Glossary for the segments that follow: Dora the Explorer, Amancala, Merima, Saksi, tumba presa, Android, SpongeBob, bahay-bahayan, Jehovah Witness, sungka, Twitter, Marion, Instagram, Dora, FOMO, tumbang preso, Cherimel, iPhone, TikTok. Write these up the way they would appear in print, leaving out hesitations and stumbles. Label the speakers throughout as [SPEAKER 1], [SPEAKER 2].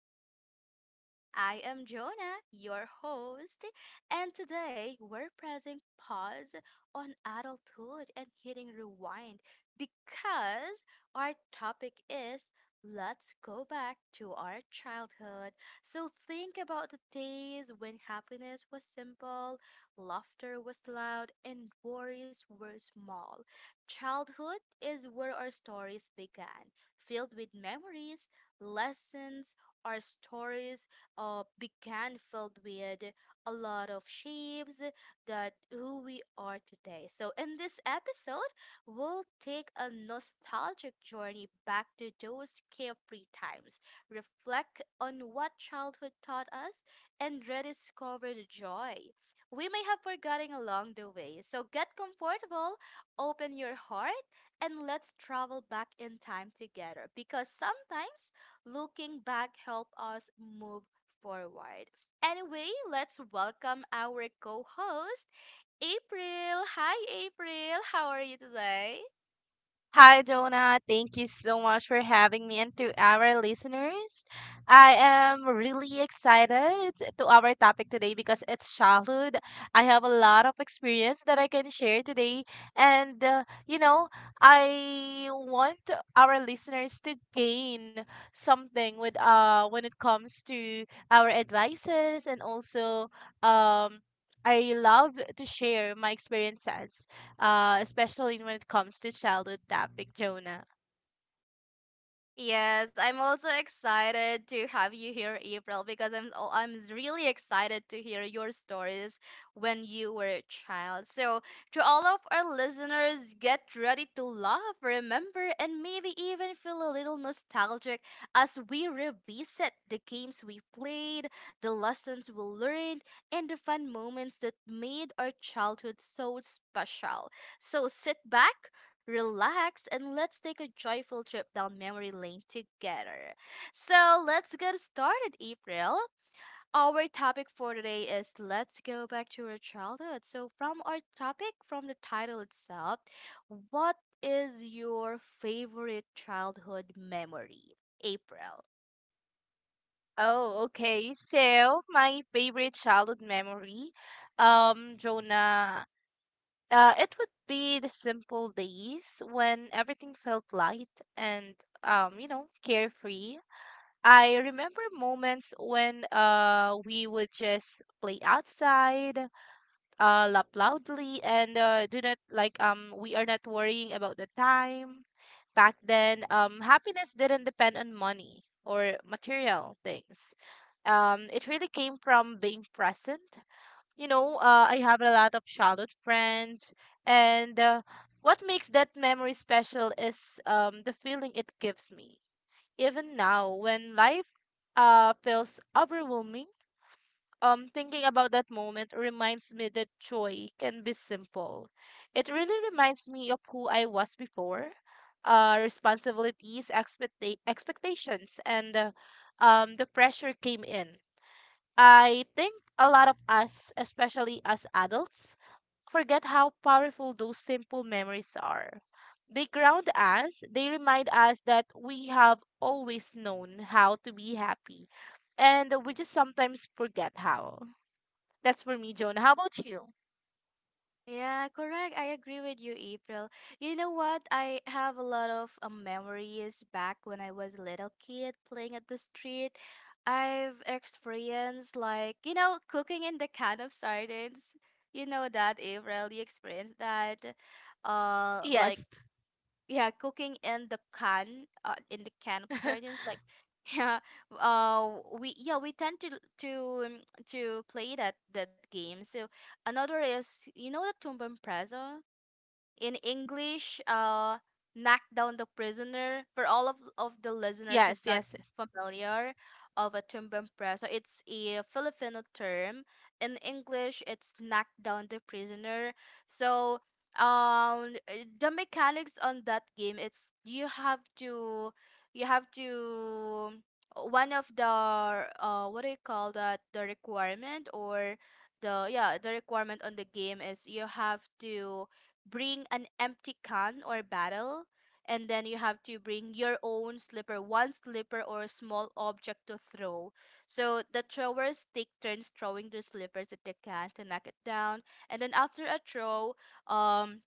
[SPEAKER 1] and welcome. I am Jonah, your host, and today we're pressing pause on adulthood and hitting rewind because our topic is, let's go back to our childhood. So, think about the days when happiness was simple, laughter was loud, and worries were small. Childhood is where our stories began, filled with memories, lessons, or stories began filled with a lot of shapes that who we are today. So in this episode, we'll take a nostalgic journey back to those carefree times, reflect on what childhood taught us, and rediscover the joy we may have forgotten along the way. So get comfortable, open your heart, and let's travel back in time together, because sometimes looking back help us move forward. Anyway, let's welcome our co-host, April. Hi April, how are you today?
[SPEAKER 2] Hi, Jonah. Thank you so much for having me. And to our listeners, I am really excited to our topic today because it's childhood. I have a lot of experience that I can share today. And, uh, you know, I want our listeners to gain something with when it comes to our advices and also um I love to share my experiences, especially when it comes to childhood topic, Jonah.
[SPEAKER 1] Yes, I'm also excited to have you here, April, because I'm really excited to hear your stories when you were a child. So, to all of our listeners, get ready to laugh, remember, and maybe even feel a little nostalgic as we revisit the games we played, the lessons we learned, and the fun moments that made our childhood so special. So, sit back, relax, and let's take a joyful trip down memory lane together. So let's get started, April. Our topic for today is, let's go back to our childhood. So, from our topic, from the title itself, what is your favorite childhood memory, April?
[SPEAKER 2] Oh, okay. So my favorite childhood memory, Jonah, it would be the simple days when everything felt light and, carefree. I remember moments when we would just play outside, laugh loudly and do not like we are not worrying about the time back then. Um, happiness didn't depend on money or material things. Um, it really came from being present, I have a lot of childhood friends. And What makes that memory special is the feeling it gives me even now. When life feels overwhelming, thinking about that moment reminds me that joy can be simple. It really reminds me of who I was before, responsibilities, expectations, and the pressure came in. I think a lot of us, especially as adults, forget how powerful those simple memories are. They ground us, they remind us that we have always known how to be happy, and we just sometimes forget how. That's for me, Jonah. How about you?
[SPEAKER 1] Yeah, correct. I agree with you, April. You know what? I have a lot of memories back when I was a little kid playing at the street. I've experienced, like, you know, cooking in the can of sardines. You know that, April. You experienced that. Like
[SPEAKER 2] Yes.
[SPEAKER 1] yeah, cooking in the can of sardines, like yeah, we yeah, we tend to to um, to play that game. So another is, you know, the tumba preso in English, Knock Down the Prisoner. For all of the listeners who's
[SPEAKER 2] Yes,
[SPEAKER 1] not
[SPEAKER 2] yes.
[SPEAKER 1] familiar of a tumbang preso, it's a Filipino term. In English, it's Knock Down the Prisoner. So, the mechanics on that game, it's you have to, you have to. One of the what do you call that? The requirement or the yeah the requirement on the game is you have to bring an empty can or bottle, and then you have to bring your own slipper, one slipper or a small object to throw. So the throwers take turns throwing their slippers at the can to knock it down, and then after a throw, um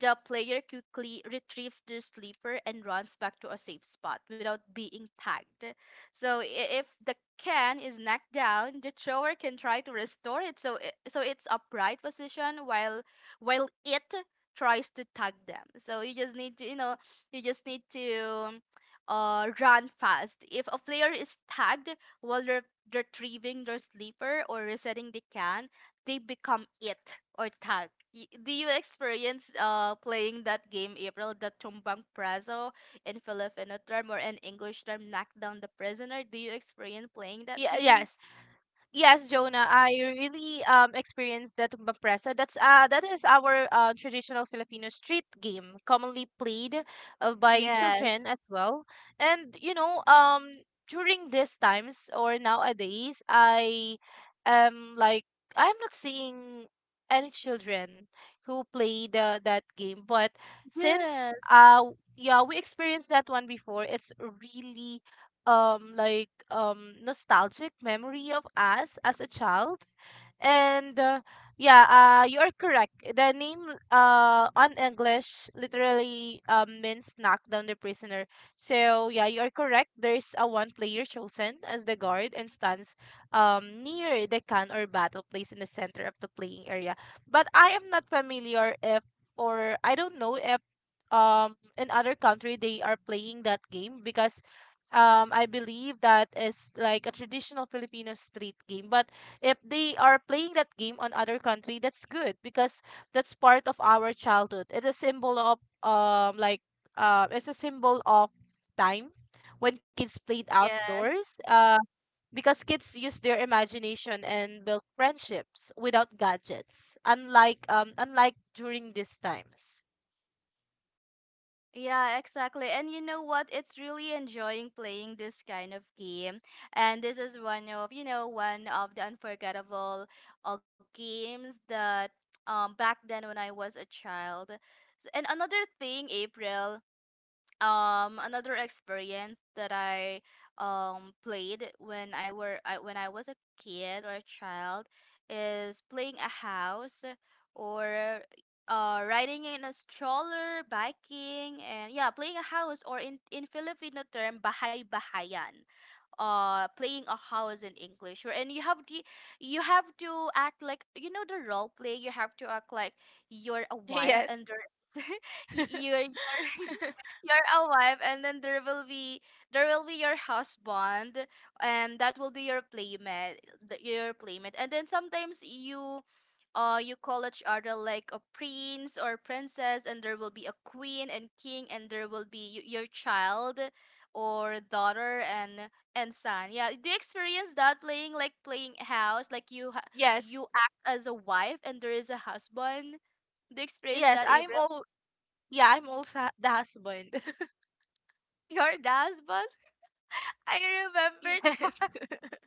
[SPEAKER 1] the player quickly retrieves their sleeper and runs back to a safe spot without being tagged. So if the can is knocked down, the thrower can try to restore it so it's upright position while it tries to tag them. So you just need to, you know, you just need to run fast. If a player is tagged while they're retrieving their sleeper or resetting the can, they become it or tag. Do you experience playing that game, April, the tumbang praso in Filipino term or an English term, knock down the prisoner? Do you experience playing that
[SPEAKER 2] Yeah,
[SPEAKER 1] game?
[SPEAKER 2] yes. Yes, Jonah, I really experienced the tumba presa. That's that is our, traditional Filipino street game, commonly played, by children
[SPEAKER 1] Yes,
[SPEAKER 2] as well. And you know, during these times or nowadays, I am like I'm not seeing any children who play the that game, but since
[SPEAKER 1] yes,
[SPEAKER 2] yeah, we experienced that one before. It's really like nostalgic memory of us as a child. and uh, yeah, you are correct. The name on English literally means knock down the prisoner. So yeah, you are correct. There's a one player chosen as the guard and stands near the can or battle place in the center of the playing area. But I am not familiar if or I don't know if in other country they are playing that game because I believe that is like a traditional Filipino street game. But if they are playing that game on other country, that's good because that's part of our childhood. It's a symbol of, it's a symbol of time when kids played
[SPEAKER 1] yes.
[SPEAKER 2] outdoors, because kids use their imagination and build friendships without gadgets, unlike during these times.
[SPEAKER 1] Yeah, exactly. And you know what? It's really enjoying playing this kind of game. And this is one of, you know, one of the unforgettable games that back then when I was a child. And another thing, April, another experience that I played when when I was a kid or a child is playing a house or riding in a stroller, biking, and yeah, playing a house, or in Filipino term bahay-bahayan, playing a house in English. And you have the you have to act like, you know, the role play, you have to act like you're a wife
[SPEAKER 2] Yes.
[SPEAKER 1] and there you're you're a wife, and then there will be your husband, and that will be your playmate, your playmate. And then sometimes you you call each other like a prince or princess, and there will be a queen and king, and there will be your child or daughter and son. Yeah, do you experience that, playing like playing house, like you
[SPEAKER 2] Yes,
[SPEAKER 1] you act as a wife and there is a husband? Do you experience
[SPEAKER 2] yes.
[SPEAKER 1] that,
[SPEAKER 2] I'm
[SPEAKER 1] April?
[SPEAKER 2] all Yeah, I'm also the husband.
[SPEAKER 1] Oh, you're the husband. I remember
[SPEAKER 2] Yes.
[SPEAKER 1] that.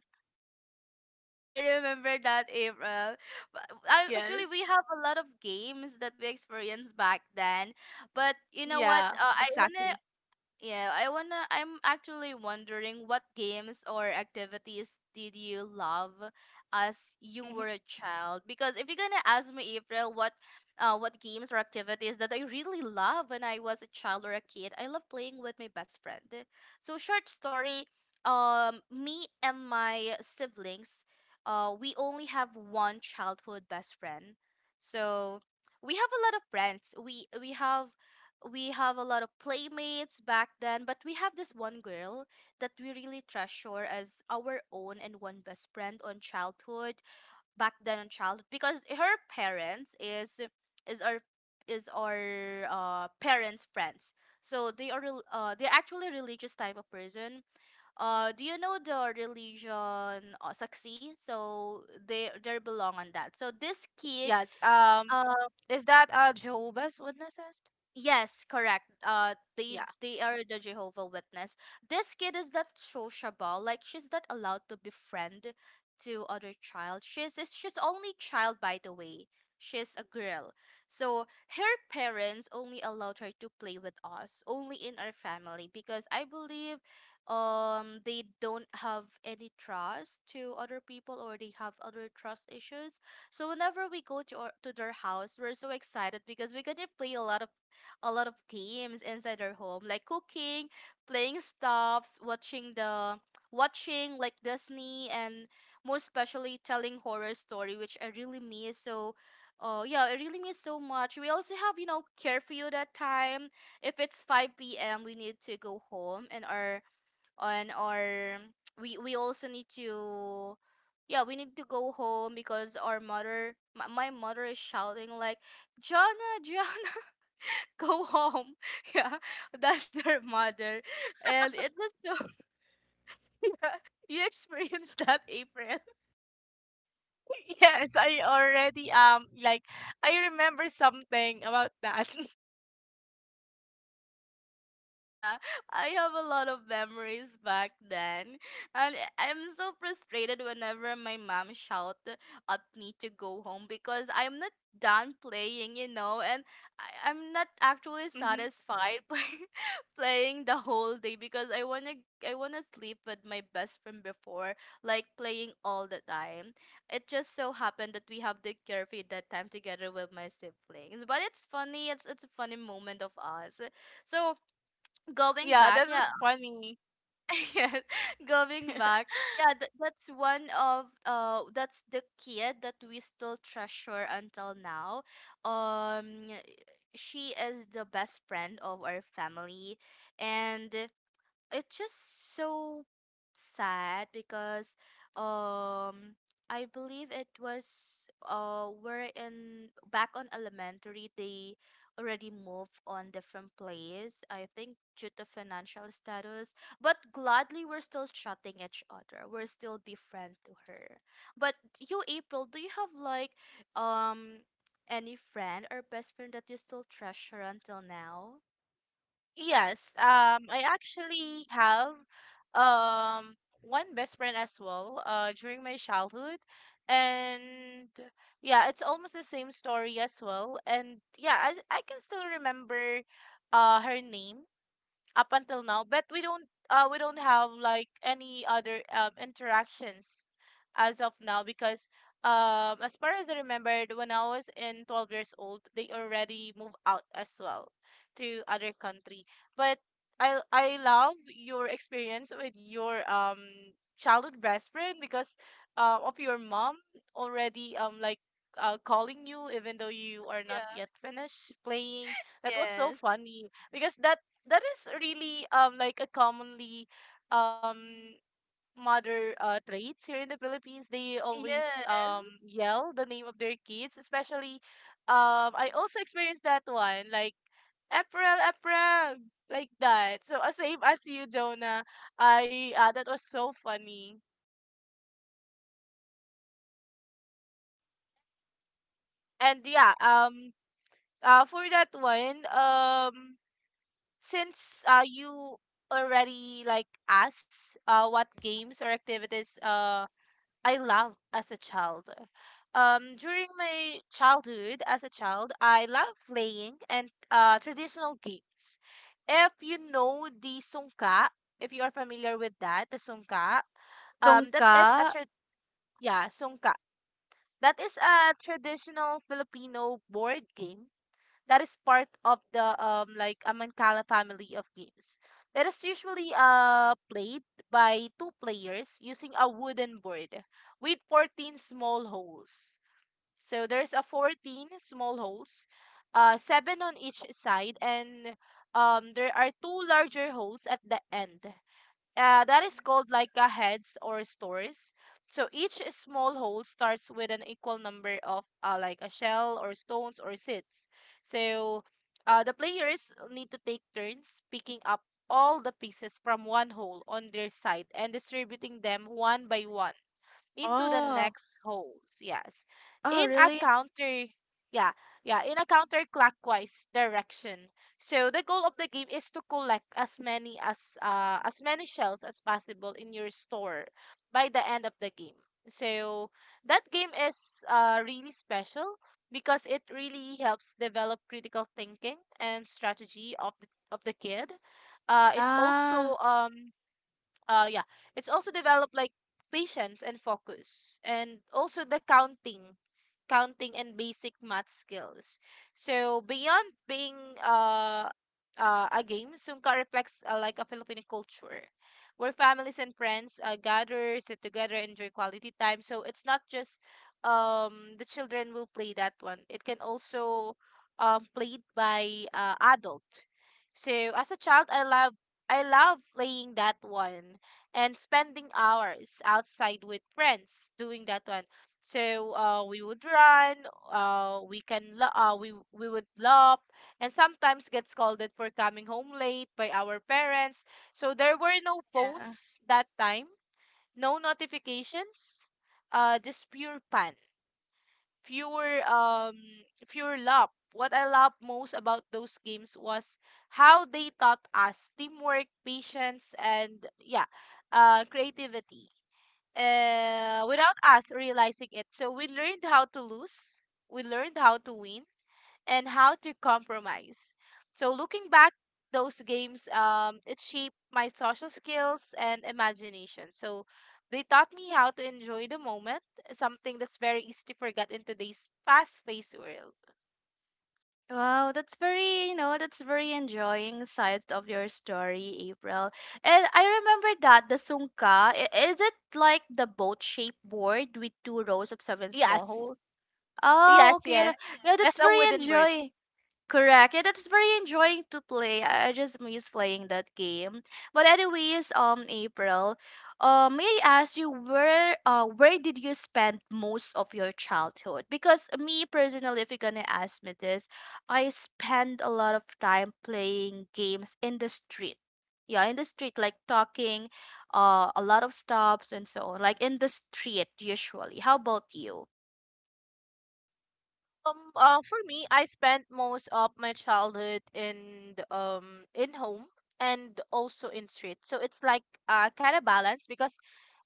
[SPEAKER 1] I remember that, April. But I, actually,
[SPEAKER 2] Yes.
[SPEAKER 1] we have a lot of games that we experienced back then. But you know what?
[SPEAKER 2] Yeah,
[SPEAKER 1] I wanna
[SPEAKER 2] exactly.
[SPEAKER 1] yeah, I wanna. I'm actually wondering what games or activities did you love as you
[SPEAKER 2] Mm-hmm.
[SPEAKER 1] were a child? Because if you're gonna ask me, April, what games or activities that I really love when I was a child or a kid, I love playing with my best friend. So short story, me and my siblings, we only have one childhood best friend. So we have a lot of friends. We have a lot of playmates back then, but we have this one girl that we really treasure as our own and one best friend on childhood, back then on childhood, because her parents is our is our parents' friends. So they are they're actually religious type of person. Do you know the religion Saksi? So they belong on that. So this kid
[SPEAKER 2] Yeah.
[SPEAKER 1] uh,
[SPEAKER 2] Is that Jehovah's Witnesses?
[SPEAKER 1] Yes, correct. They
[SPEAKER 2] Yeah.
[SPEAKER 1] they are the Jehovah Witness. This kid is not sociable. Like she's not allowed to befriend to other child. She's only child, by the way. She's a girl, so her parents only allowed her to play with us, only in our family because I believe, they don't have any trust to other people, or they have other trust issues. So whenever we go to to their house, we're so excited because we're gonna play a lot of games inside their home, like cooking, playing stops, watching like Disney, and more especially telling horror story, which I really miss. So yeah, I really miss so much. We also have, you know, curfew that time. If it's 5 p.m. we need to go home, and our we also need to yeah, we need to go home because our mother, my mother is shouting like, Jana, Jana, go home. Yeah, that's her mother. And it was so, yeah, you experienced that, April.
[SPEAKER 2] Yes, I already like I remember something about that.
[SPEAKER 1] Yeah, I have a lot of memories back then. And I'm so frustrated whenever my mom shout at me to go home because I'm not done playing, you know, and I'm not actually
[SPEAKER 2] Hmm.
[SPEAKER 1] satisfied by playing the whole day because I wanna sleep with my best friend before, like playing all the time. It just so happened that we have the curfew that time together with my siblings. But it's funny, it's a funny moment of us. So going
[SPEAKER 2] Yeah,
[SPEAKER 1] back,
[SPEAKER 2] that
[SPEAKER 1] yeah.
[SPEAKER 2] was funny.
[SPEAKER 1] Yes, going back, yeah, that's one of that's the kid that we still treasure until now. Um, she is the best friend of our family, and it's just so sad because, um, I believe it was we're in back on elementary, they already moved on different place, I think due to financial status, but gladly we're still chatting each other, we're still be friend to her. But you, April, do you have like, um, any friend or best friend that you still treasure until now?
[SPEAKER 2] Yes, I actually have um one best friend as well, during my childhood, and yeah, it's almost the same story as well, and yeah, I can still remember, her name up until now. But we don't, we don't have like any other interactions as of now because as far as I remembered, when I was in 12 years old, they already moved out as well to other country. But I love your experience with your childhood best friend because, of your mom already calling you even though you are not
[SPEAKER 1] Yeah.
[SPEAKER 2] yet finished playing. That was so
[SPEAKER 1] Yes.
[SPEAKER 2] funny because that is really like a commonly um mother traits here in the Philippines. They always
[SPEAKER 1] Yes.
[SPEAKER 2] yell the name of their kids, especially I also experienced that one like April, April, like that. So, same as you, Jonah. I That was so funny. And for that one, since you already like asked what games or activities I love as a child. During my childhood as a child, I love playing and, traditional games. If you know the sungka, if you are familiar with that, the sungka, that
[SPEAKER 1] Dongka?
[SPEAKER 2] is a yeah, sungka. That is a traditional Filipino board game that is part of the, Amancala family of games. That is usually played by two players using a wooden board with 14 small holes. So there's a 14 small holes, uh, seven on each side, and there are two larger holes at the end. That is called like a heads or stores. So each small hole starts with an equal number of, like a shell or stones or seeds. So, the players need to take turns picking up all the pieces from one hole on their side and distributing them one by one into the
[SPEAKER 1] Oh.
[SPEAKER 2] next holes. Yes.
[SPEAKER 1] Oh,
[SPEAKER 2] In a
[SPEAKER 1] really?
[SPEAKER 2] counter yeah, Yeah, in a counterclockwise direction. So the goal of the game is to collect as many shells as possible in your store by the end of the game. So that game is really special because it really helps develop critical thinking and strategy of the, of the kid. It
[SPEAKER 1] Ah,
[SPEAKER 2] also yeah, it's also developed like patience and focus, and also the counting counting, and basic math skills. So beyond being, uh, a game, Sungka reflects, like a Filipino culture where families and friends, gather, sit together, enjoy quality time. So it's not just, the children will play that one. It can also, played by, adult. So as a child, I love playing that one and spending hours outside with friends doing that one. So, we would run, we would lop, and sometimes get scolded for coming home late by our parents. So there were no
[SPEAKER 1] yeah.
[SPEAKER 2] phones that time, no notifications, just pure fun, pure um, pure lop. What I loved most about those games was how they taught us teamwork, patience, and yeah, creativity, without us realizing it. So we learned how to lose, we learned how to win, and how to compromise. So looking back, those games, it shaped my social skills and imagination. So they taught me how to enjoy the moment, something that's very easy to forget in today's fast-paced world.
[SPEAKER 1] Wow, that's very, you know, that's very enjoying side of your story, April. And I remember that the sungka, is it like the boat-shaped board with two rows of 7 small
[SPEAKER 2] Yes,
[SPEAKER 1] holes? Oh,
[SPEAKER 2] yes,
[SPEAKER 1] okay. Yeah,
[SPEAKER 2] yes.
[SPEAKER 1] yeah, that's
[SPEAKER 2] That's a
[SPEAKER 1] very
[SPEAKER 2] wooden bird.
[SPEAKER 1] enjoy. Correct. Yeah, that's very enjoying to play. I just miss playing that game. But anyways, April, may I ask you where did you spend most of your childhood? Because me personally, if you're gonna ask me this, I spend a lot of time playing games in the street. Yeah, in the street, like talking, a lot of stops and so on. Like in the street, usually. How about you?
[SPEAKER 2] For me, I spent most of my childhood in the, in home and also in street. So it's like kind of balance because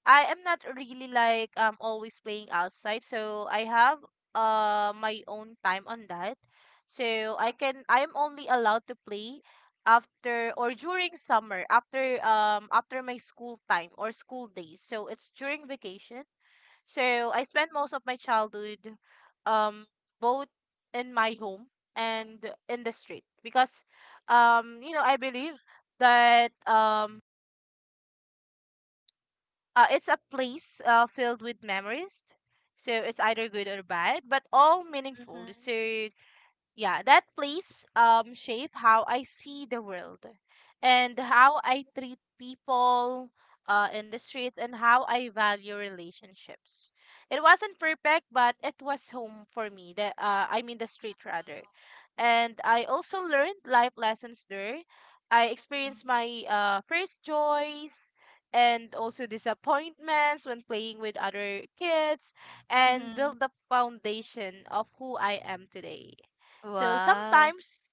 [SPEAKER 2] I am not really like always playing outside. So I have my own time on that. So I am only allowed to play after or during summer, after my school time or school days. So it's during vacation, so I spent most of my childhood um both in my home and in the street because, you know, I believe that, it's a place, filled with memories. So it's either good or bad, but all meaningful.
[SPEAKER 1] Mm-hmm.
[SPEAKER 2] So yeah, that place shape how I see the world and how I treat people, in the streets, and how I value relationships. It wasn't perfect, but it was home for me, the I mean the street rather. And I also learned life lessons there. I experienced my, first joys and also disappointments when playing with other kids, and
[SPEAKER 1] Mm-hmm.
[SPEAKER 2] built the foundation of who I am today. So
[SPEAKER 1] Wow.
[SPEAKER 2] sometimes,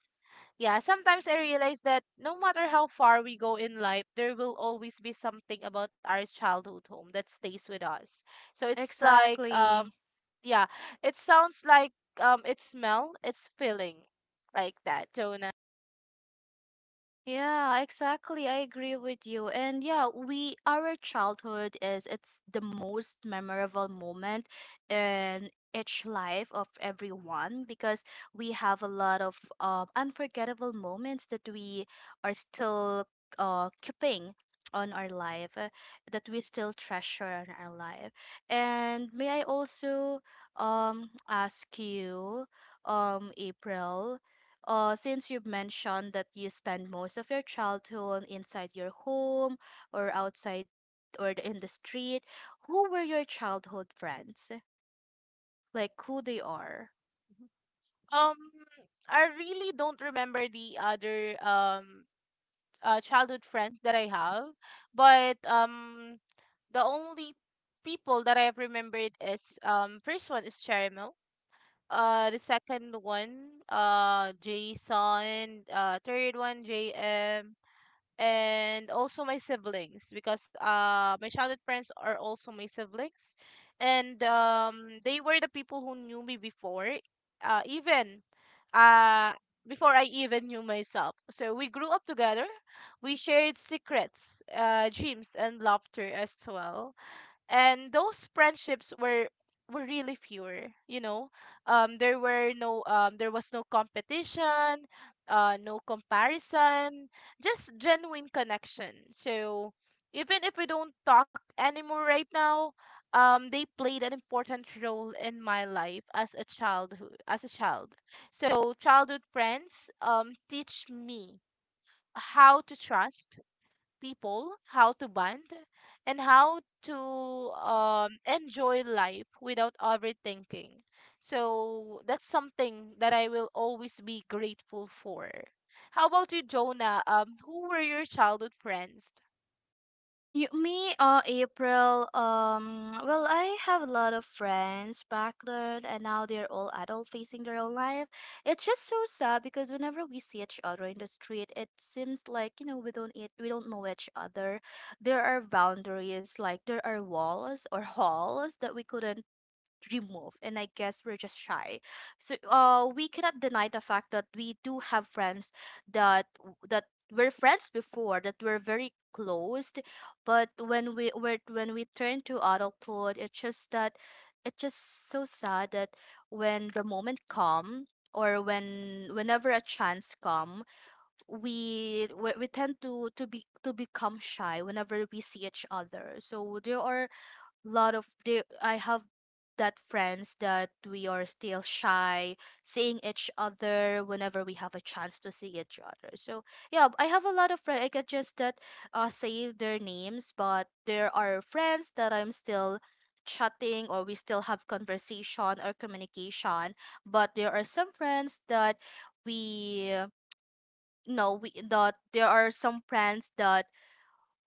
[SPEAKER 2] yeah, sometimes I realize that no matter how far we go in life, there will always be something about our childhood home that stays with us. So it's like,
[SPEAKER 1] Exactly.
[SPEAKER 2] yeah, it sounds like, it's smell, it's feeling, like that, Jonah.
[SPEAKER 1] Yeah, exactly. I agree with you. And yeah, we our childhood is it's the most memorable moment in each life of everyone, because we have a lot of unforgettable moments that we are still keeping on our life that we still treasure on our life. And may I also ask you, um, April, since you've mentioned that you spend most of your childhood inside your home or outside or in the street, who were your childhood friends? Like who they are?
[SPEAKER 2] Um, I really don't remember the other childhood friends that I have, but the only people that I have remembered is, first one is Cherimel. The second one, Jason. Third one, JM. And also my siblings because, my childhood friends are also my siblings, and, they were the people who knew me before, even uh, before I even knew myself. So we grew up together. We shared secrets, dreams, and laughter as well, and those friendships were really fewer, you know. Um, there were no, there was no competition, uh, no comparison, just genuine connection. So even if we don't talk anymore right now, they played an important role in my life as a childhood, as a child. So childhood friends teach me how to trust people, how to bond, and how to, enjoy life without overthinking. So that's something that I will always be grateful for. How about you, Jonah? Who were your childhood friends?
[SPEAKER 1] You, me, April. Well, I have a lot of friends back then, and now they're all adult facing their own life. It's just so sad because whenever we see each other in the street, it seems like we don't eat, we don't know each other. There are boundaries, like there are walls or halls that we couldn't dream, and I guess we're just shy. So we cannot deny the fact that we do have friends that that were friends before, that were very closed. But when we turn to adulthood, it's just that, it's just so sad that when the moment come, or whenever a chance come, we tend to be to become shy whenever we see each other. So there are lot of the I have that friends that we are still shy seeing each other whenever we have a chance to see each other. So yeah, I have a lot of friends. I can just that say their names, but there are friends that I'm still chatting, or we still have conversation or communication. But there are some friends that we no we that there are some friends that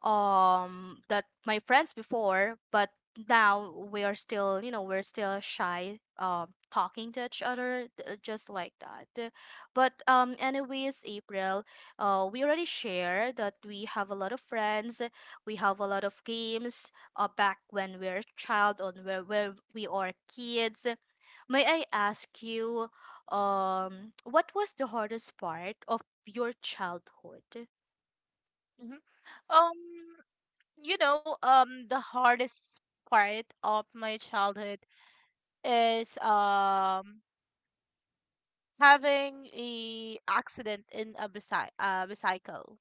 [SPEAKER 1] that my friends before, but now we are still, we're still shy talking to each other, just like that. But anyways, April, we already shared that we have a lot of friends, we have a lot of games, back when we're a child, on where we are kids. May I ask you, what was the hardest part of your childhood?
[SPEAKER 2] Mhm. Um, the hardest part of my childhood is having a accident in a bicycle.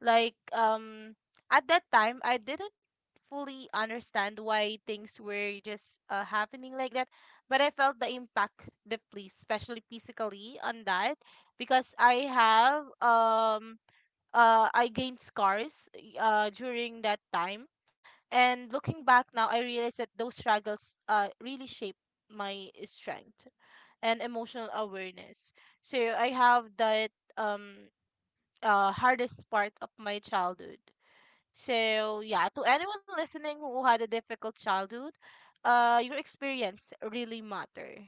[SPEAKER 2] like um at that time I didn't fully understand why things were just happening like that, but I felt the impact deeply, especially physically, on that because I have I gained scars during that time. And looking back now, I realize that those struggles really shaped my strength and emotional awareness. So I have that um hardest part of my childhood. So yeah, to anyone listening who had a difficult childhood, your experience really matter,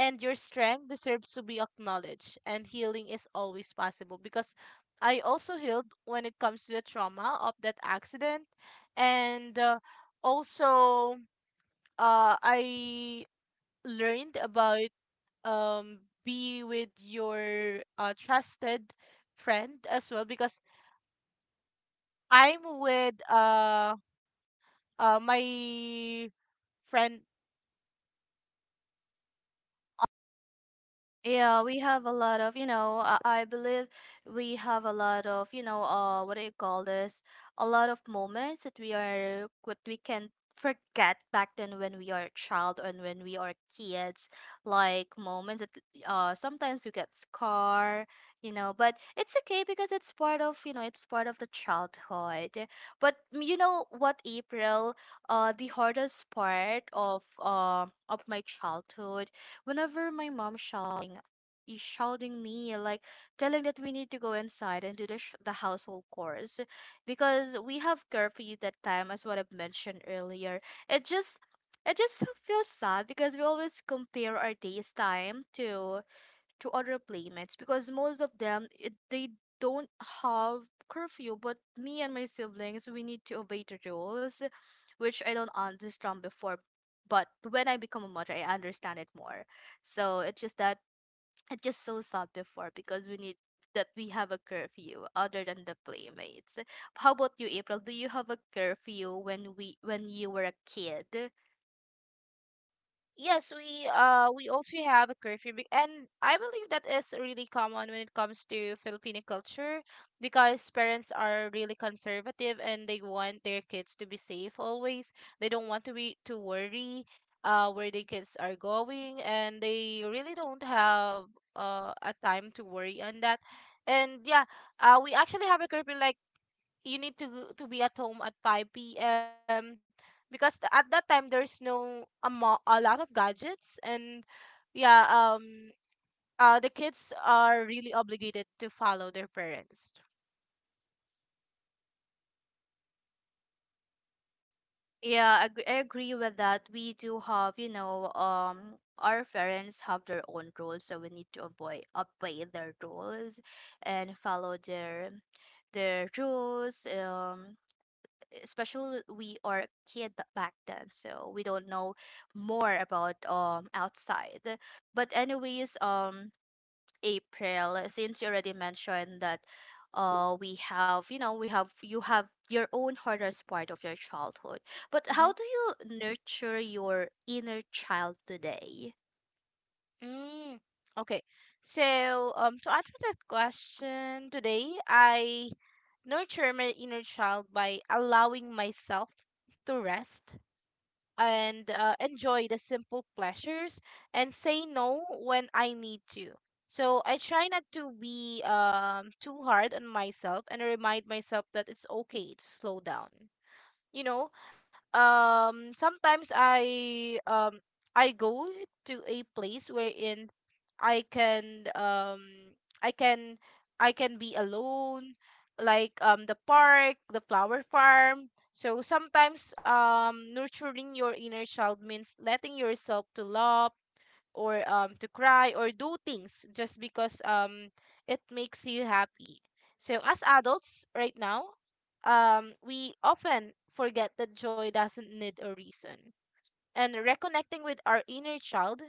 [SPEAKER 2] and your strength deserves to be acknowledged. And healing is always possible because I also healed when it comes to the trauma of that accident. And also, I learned about um be with your trusted friend as well, because I'm with my friend.
[SPEAKER 1] Yeah, we have a lot of, you know, I believe we have a lot of, you know, what do you call this? A lot of moments that we are, what we can forget back then when we are a child and when we are kids, like moments that, sometimes we get scar, you know, but it's okay because it's part of, you know, it's part of the childhood. But you know what, April, the hardest part of my childhood, whenever my mom shouting is shouting me, like telling that we need to go inside and do the, the household chores, because we have curfew that time, as what I've mentioned earlier. It just, it just feels sad because we always compare our day's time to other playmates, because most of them they don't have curfew. But me and my siblings, we need to obey the rules, which I don't understand before, but when I become a mother, I understand it more. So it's just that, it's just so sad before because we need that we have a curfew other than the playmates. How about you, April? Do you have a curfew when you were a kid?
[SPEAKER 2] Yes, we also have a curfew, and I believe that is really common when it comes to Filipino culture because parents are really conservative and they want their kids to be safe always. They don't want to be to worry where the kids are going, and they really don't have a time to worry on that. And yeah, we actually have a curfew, like you need to to be at home at 5 p.m. because at that time there's no a lot of gadgets and yeah. The kids are really obligated to follow their parents.
[SPEAKER 1] Yeah, I agree with that. We do have, you know, our parents have their own rules, so we need to avoid obey their rules and follow their rules. Especially we are a kid back then, so we don't know more about outside. But anyways, April, since you already mentioned that we have, you know, we have you have your own hardest part of your childhood. But
[SPEAKER 2] Mm-hmm.
[SPEAKER 1] how do you nurture your inner child today?
[SPEAKER 2] Mm. Okay. So to answer that question, today I nurture my inner child by allowing myself to rest and enjoy the simple pleasures and say no when I need to. So I try not to be too hard on myself and remind myself that it's okay to slow down, you know. Sometimes I go to a place wherein i can um i can I can be alone, like the park, the flower farm. So sometimes nurturing your inner child means letting yourself to love or to cry or do things just because it makes you happy. So as adults right now, we often forget that joy doesn't need a reason. And reconnecting with our inner child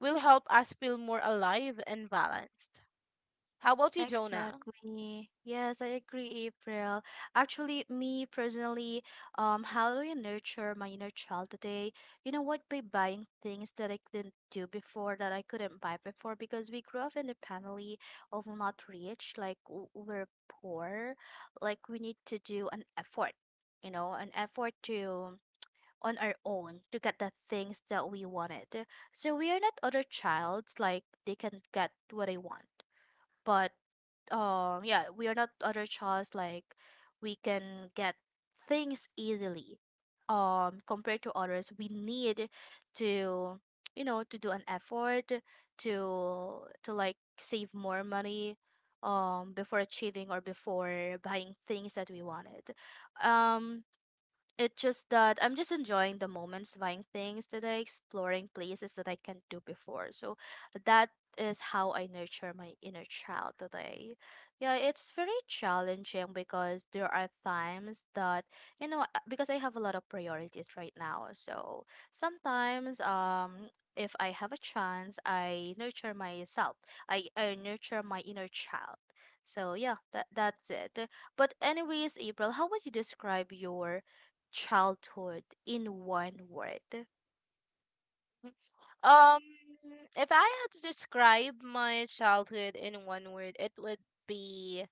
[SPEAKER 2] will help us feel more alive and balanced. How about you, Jonah?
[SPEAKER 1] Exactly. Yes, I agree, April. Actually, me personally, how do I nurture my inner child today? You know what? By buying things that I couldn't do before, that I couldn't buy before, because we grew up in a family of not rich, like we're poor, like we need to do an effort, you know, an effort to on our own to get the things that we wanted. So we are not other childs, like they can get what they want. But yeah, we are not other childs, like we can get things easily, compared to others. We need to, you know, to do an effort, to like save more money before achieving or before buying things that we wanted. um it's just that I'm just enjoying the moments, buying things today, exploring places that I can't do before. So that is how I nurture my inner child today. Yeah, it's very challenging because there are times that, you know, because I have a lot of priorities right now. So sometimes, if I have a chance, I nurture myself. I nurture my inner child. So yeah, that's it. But anyways, April, how would you describe your childhood in one word?
[SPEAKER 2] Um if I had to describe my childhood in one word, it would be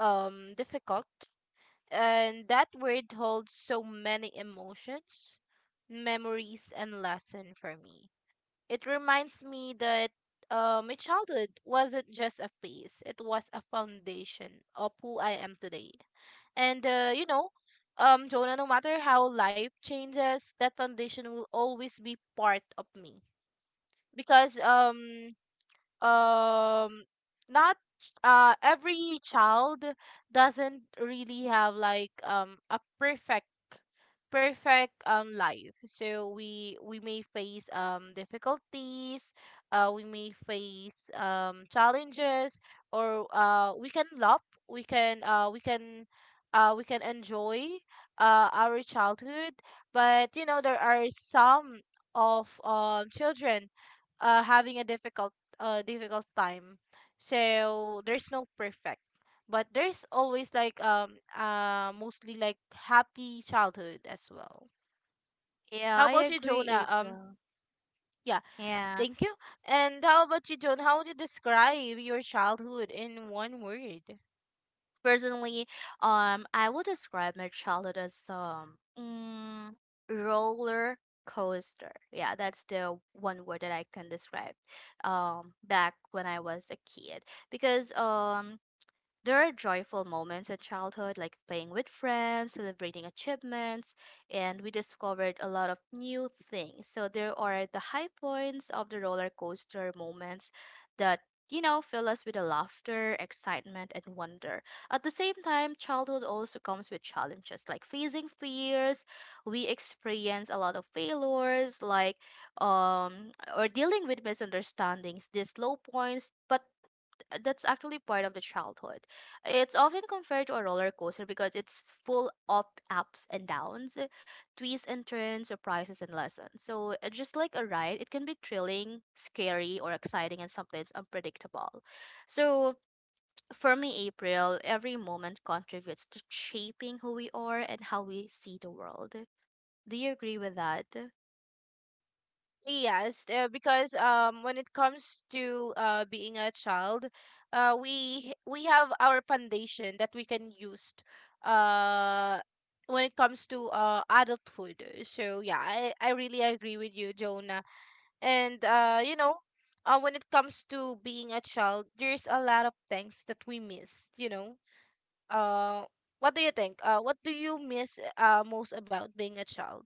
[SPEAKER 2] difficult. And that word holds so many emotions, memories, and lesson for me. It reminds me that my childhood wasn't just a phase; it was a foundation of who I am today. And you know, Jonah, no matter how life changes, that foundation will always be part of me because um not every child doesn't really have like a perfect life. So we may face difficulties, we may face challenges, or we can love, we can uh we can we can enjoy our childhood. But you know, there are some of children having a difficult time. So there's no perfect, but there's always like mostly like happy childhood as well.
[SPEAKER 1] Yeah,
[SPEAKER 2] How
[SPEAKER 1] I
[SPEAKER 2] about you,
[SPEAKER 1] agree,
[SPEAKER 2] Jonah?
[SPEAKER 1] April.
[SPEAKER 2] Yeah,
[SPEAKER 1] Yeah.
[SPEAKER 2] thank you. And how about you, Jonah? How would you describe your childhood in one word?
[SPEAKER 1] Personally, I would describe my childhood as roller coaster. Yeah, that's the one word that I can describe back when I was a kid. Because there are joyful moments in childhood, like playing with friends, celebrating achievements, and we discovered a lot of new things. So there are the high points of the roller coaster moments that, you know, fill us with a laughter, excitement, and wonder. At the same time, childhood also comes with challenges, like facing fears. We experience a lot of failures, like or dealing with misunderstandings. These low points, but that's actually part of the childhood. It's often compared to a roller coaster because it's full of ups and downs, twists and turns, surprises and lessons. So, just like a ride, it can be thrilling, scary, or exciting, and sometimes unpredictable. So, for me, April, every moment contributes to shaping who we are and how we see the world. Do you agree with that?
[SPEAKER 2] Yes, because when it comes to being a child, we have our foundation that we can use uh, when it comes to adulthood. So yeah, I really agree with you, Jonah. And you know, when it comes to being a child, there's a lot of things that we miss, you know. Uh, what do you think? What do you miss, most about being a child?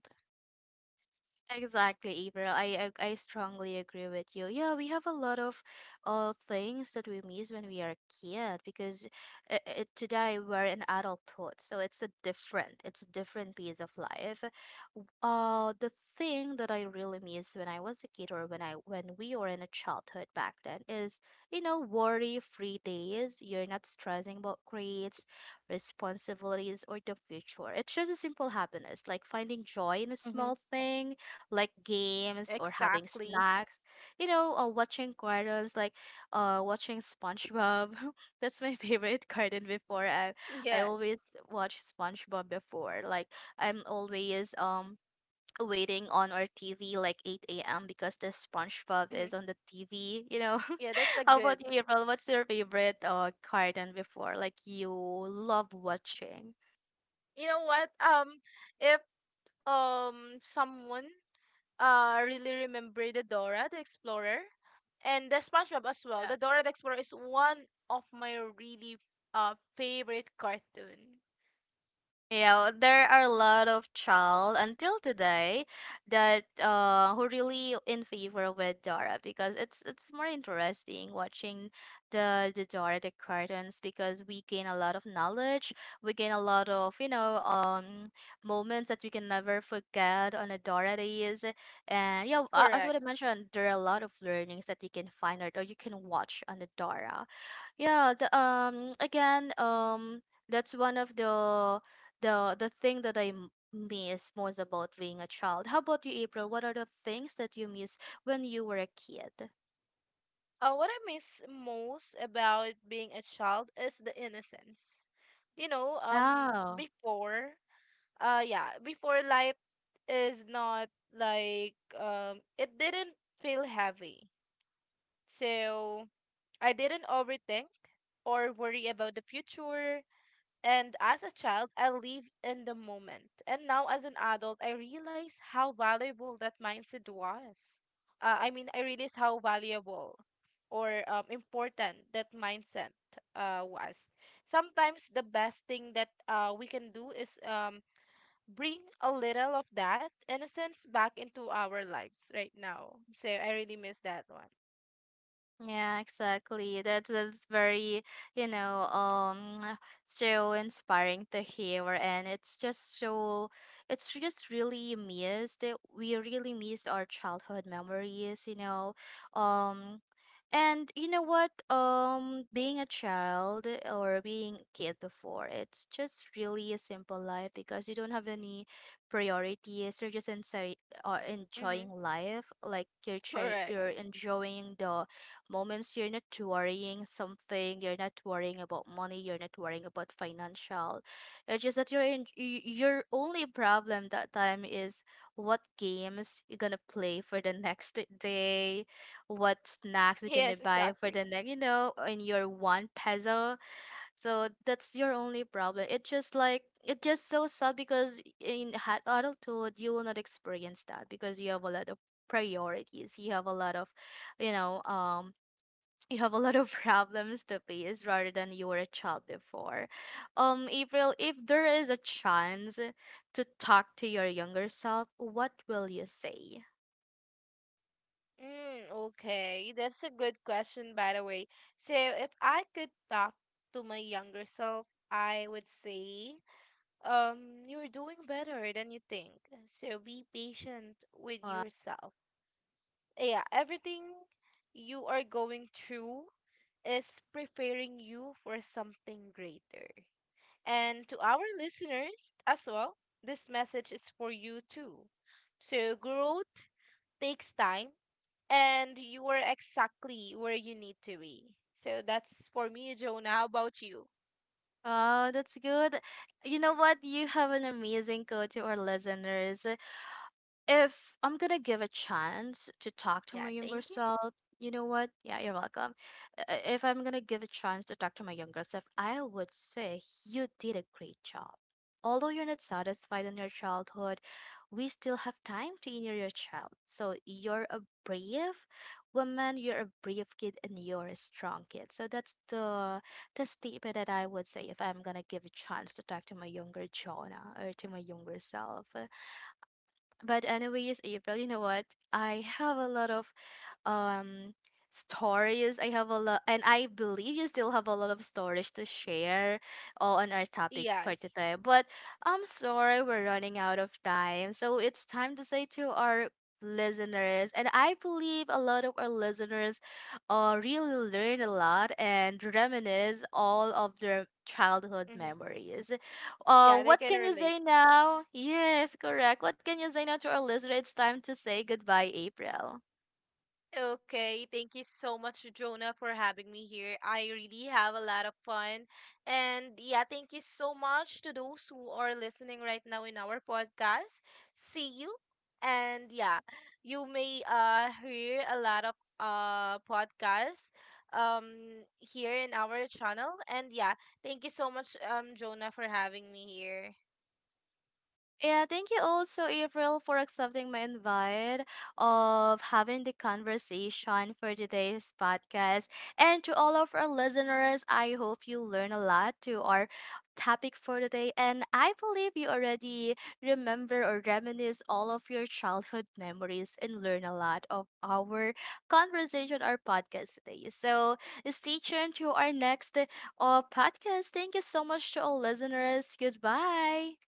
[SPEAKER 1] Exactly, April. I strongly agree with you. Yeah, we have a lot of things that we miss when we are a kid, because today we're in adulthood, so it's a different piece of life. The thing that I really miss when I was a kid, or when I when we were in a childhood back then, is you know worry-free days. You're not stressing about grades, responsibilities, or the future. It's just a simple happiness, like finding joy in a
[SPEAKER 2] Mm-hmm.
[SPEAKER 1] small thing like games or having
[SPEAKER 2] Exactly.
[SPEAKER 1] snacks. You know, or watching cartoons, like watching SpongeBob. That's my favorite cartoon before. I I
[SPEAKER 2] Yes.
[SPEAKER 1] always watch SpongeBob before. Like I'm always waiting on our TV like 8 a.m. because the SpongeBob
[SPEAKER 2] Mm-hmm.
[SPEAKER 1] is on the TV, you know.
[SPEAKER 2] Yeah, that's a
[SPEAKER 1] How
[SPEAKER 2] good.
[SPEAKER 1] about you, April? What's your favorite cartoon before? Like you love watching.
[SPEAKER 2] You know what? If someone really remember the Dora the Explorer and the SpongeBob as well. The Dora the Explorer is one of my really favorite cartoon.
[SPEAKER 1] Yeah, there are a lot of child until today that who really in favor with Dora, because it's more interesting watching the Dora the cartoons, because we gain a lot of knowledge, we gain a lot of, you know, moments that we can never forget on the Dora days. And yeah, as
[SPEAKER 2] Correct.
[SPEAKER 1] what I mentioned, there are a lot of learnings that you can find out or you can watch on the Dora. Yeah, the, again that's one of the the thing that I miss most about being a child. How about you, April? What are the things that you miss when you were a kid?
[SPEAKER 2] What I miss most about being a child is the innocence. You know,
[SPEAKER 1] Oh,
[SPEAKER 2] before, yeah, before life is not like it didn't feel heavy. So I didn't overthink or worry about the future. And as a child, I lived in the moment. And now, as an adult, I realize how valuable that mindset was. I mean, I realize how valuable or important that mindset was. Sometimes the best thing that we can do is bring a little of that innocence back into our lives right now. So I really miss that one.
[SPEAKER 1] yeah, exactly. That's very, you know, so inspiring to hear, and it's just so, it's just really missed. We really miss our childhood memories, you know, um, and you know what, being a child or being a kid before, it's just really a simple life because you don't have any priorities. You're just inside, or
[SPEAKER 2] Mm-hmm.
[SPEAKER 1] enjoying life, like
[SPEAKER 2] Correct.
[SPEAKER 1] you're enjoying the moments. You're not worrying something, you're not worrying about money, you're not worrying about financial. It's just that your your only problem that time is what games you're gonna play for the next day, what snacks you're
[SPEAKER 2] Yes,
[SPEAKER 1] gonna buy for
[SPEAKER 2] exactly.
[SPEAKER 1] the next, you know, in your 1 peso. So that's your only problem. It's just like, it's just so sad because in adulthood you will not experience that, because you have a lot of priorities. You have a lot of, you know, you have a lot of problems to face rather than you were a child before. April, if there is a chance to talk to your younger self, what will you say?
[SPEAKER 2] Mm, okay, that's a good question, by the way. So, if I could talk to my younger self, I would say, you're doing better than you think. So, be patient with
[SPEAKER 1] Wow.
[SPEAKER 2] yourself. Yeah, everything you are going through is preparing you for something greater. And to our listeners as well, this message is for you too. So, growth takes time and you were exactly where you need to be. So that's for me, Jonah. How about you?
[SPEAKER 1] Oh, that's good. You know what? You have an amazing coach or listeners. If I'm gonna give a chance to talk to
[SPEAKER 2] Yeah,
[SPEAKER 1] my younger
[SPEAKER 2] thank you.
[SPEAKER 1] self, you know what? Yeah, you're welcome. I- If I'm gonna give a chance to talk to my younger self, I would say you did a great job. Although you're not satisfied in your childhood, we still have time to honor your child. So you're a brave woman, you're a brave kid, and you're a strong kid. So that's the statement that I would say if I'm gonna give a chance to talk to my younger Jonah or to my younger self. But anyways, April, you know what? I have a lot of um stories. I have a lot, and I believe you still have a lot of stories to share on our topic for
[SPEAKER 2] Yes.
[SPEAKER 1] today. But I'm sorry, we're running out of time. So it's time to say to our listeners, and I believe a lot of our listeners really learn a lot and reminisce all of their childhood
[SPEAKER 2] Hmm.
[SPEAKER 1] memories.
[SPEAKER 2] Yeah, they
[SPEAKER 1] What
[SPEAKER 2] can
[SPEAKER 1] can you
[SPEAKER 2] relate.
[SPEAKER 1] say now? Yes, correct. What can you say now to our listener? It's time to say goodbye, April.
[SPEAKER 2] Okay, thank you so much, Jonah, for having me here. I really have a lot of fun. And yeah, thank you so much to those who are listening right now in our podcast. See you. And yeah, you may hear a lot of podcasts um here in our channel. And yeah, thank you so much, Jonah, for having me here.
[SPEAKER 1] Yeah, thank you also, April, for accepting my invite of having the conversation for today's podcast. And to all of our listeners, I hope you learn a lot to our topic for today. And I believe you already remember or reminisce all of your childhood memories and learn a lot of our conversation or podcast today. So stay tuned to our next podcast. Thank you so much to all listeners. Goodbye.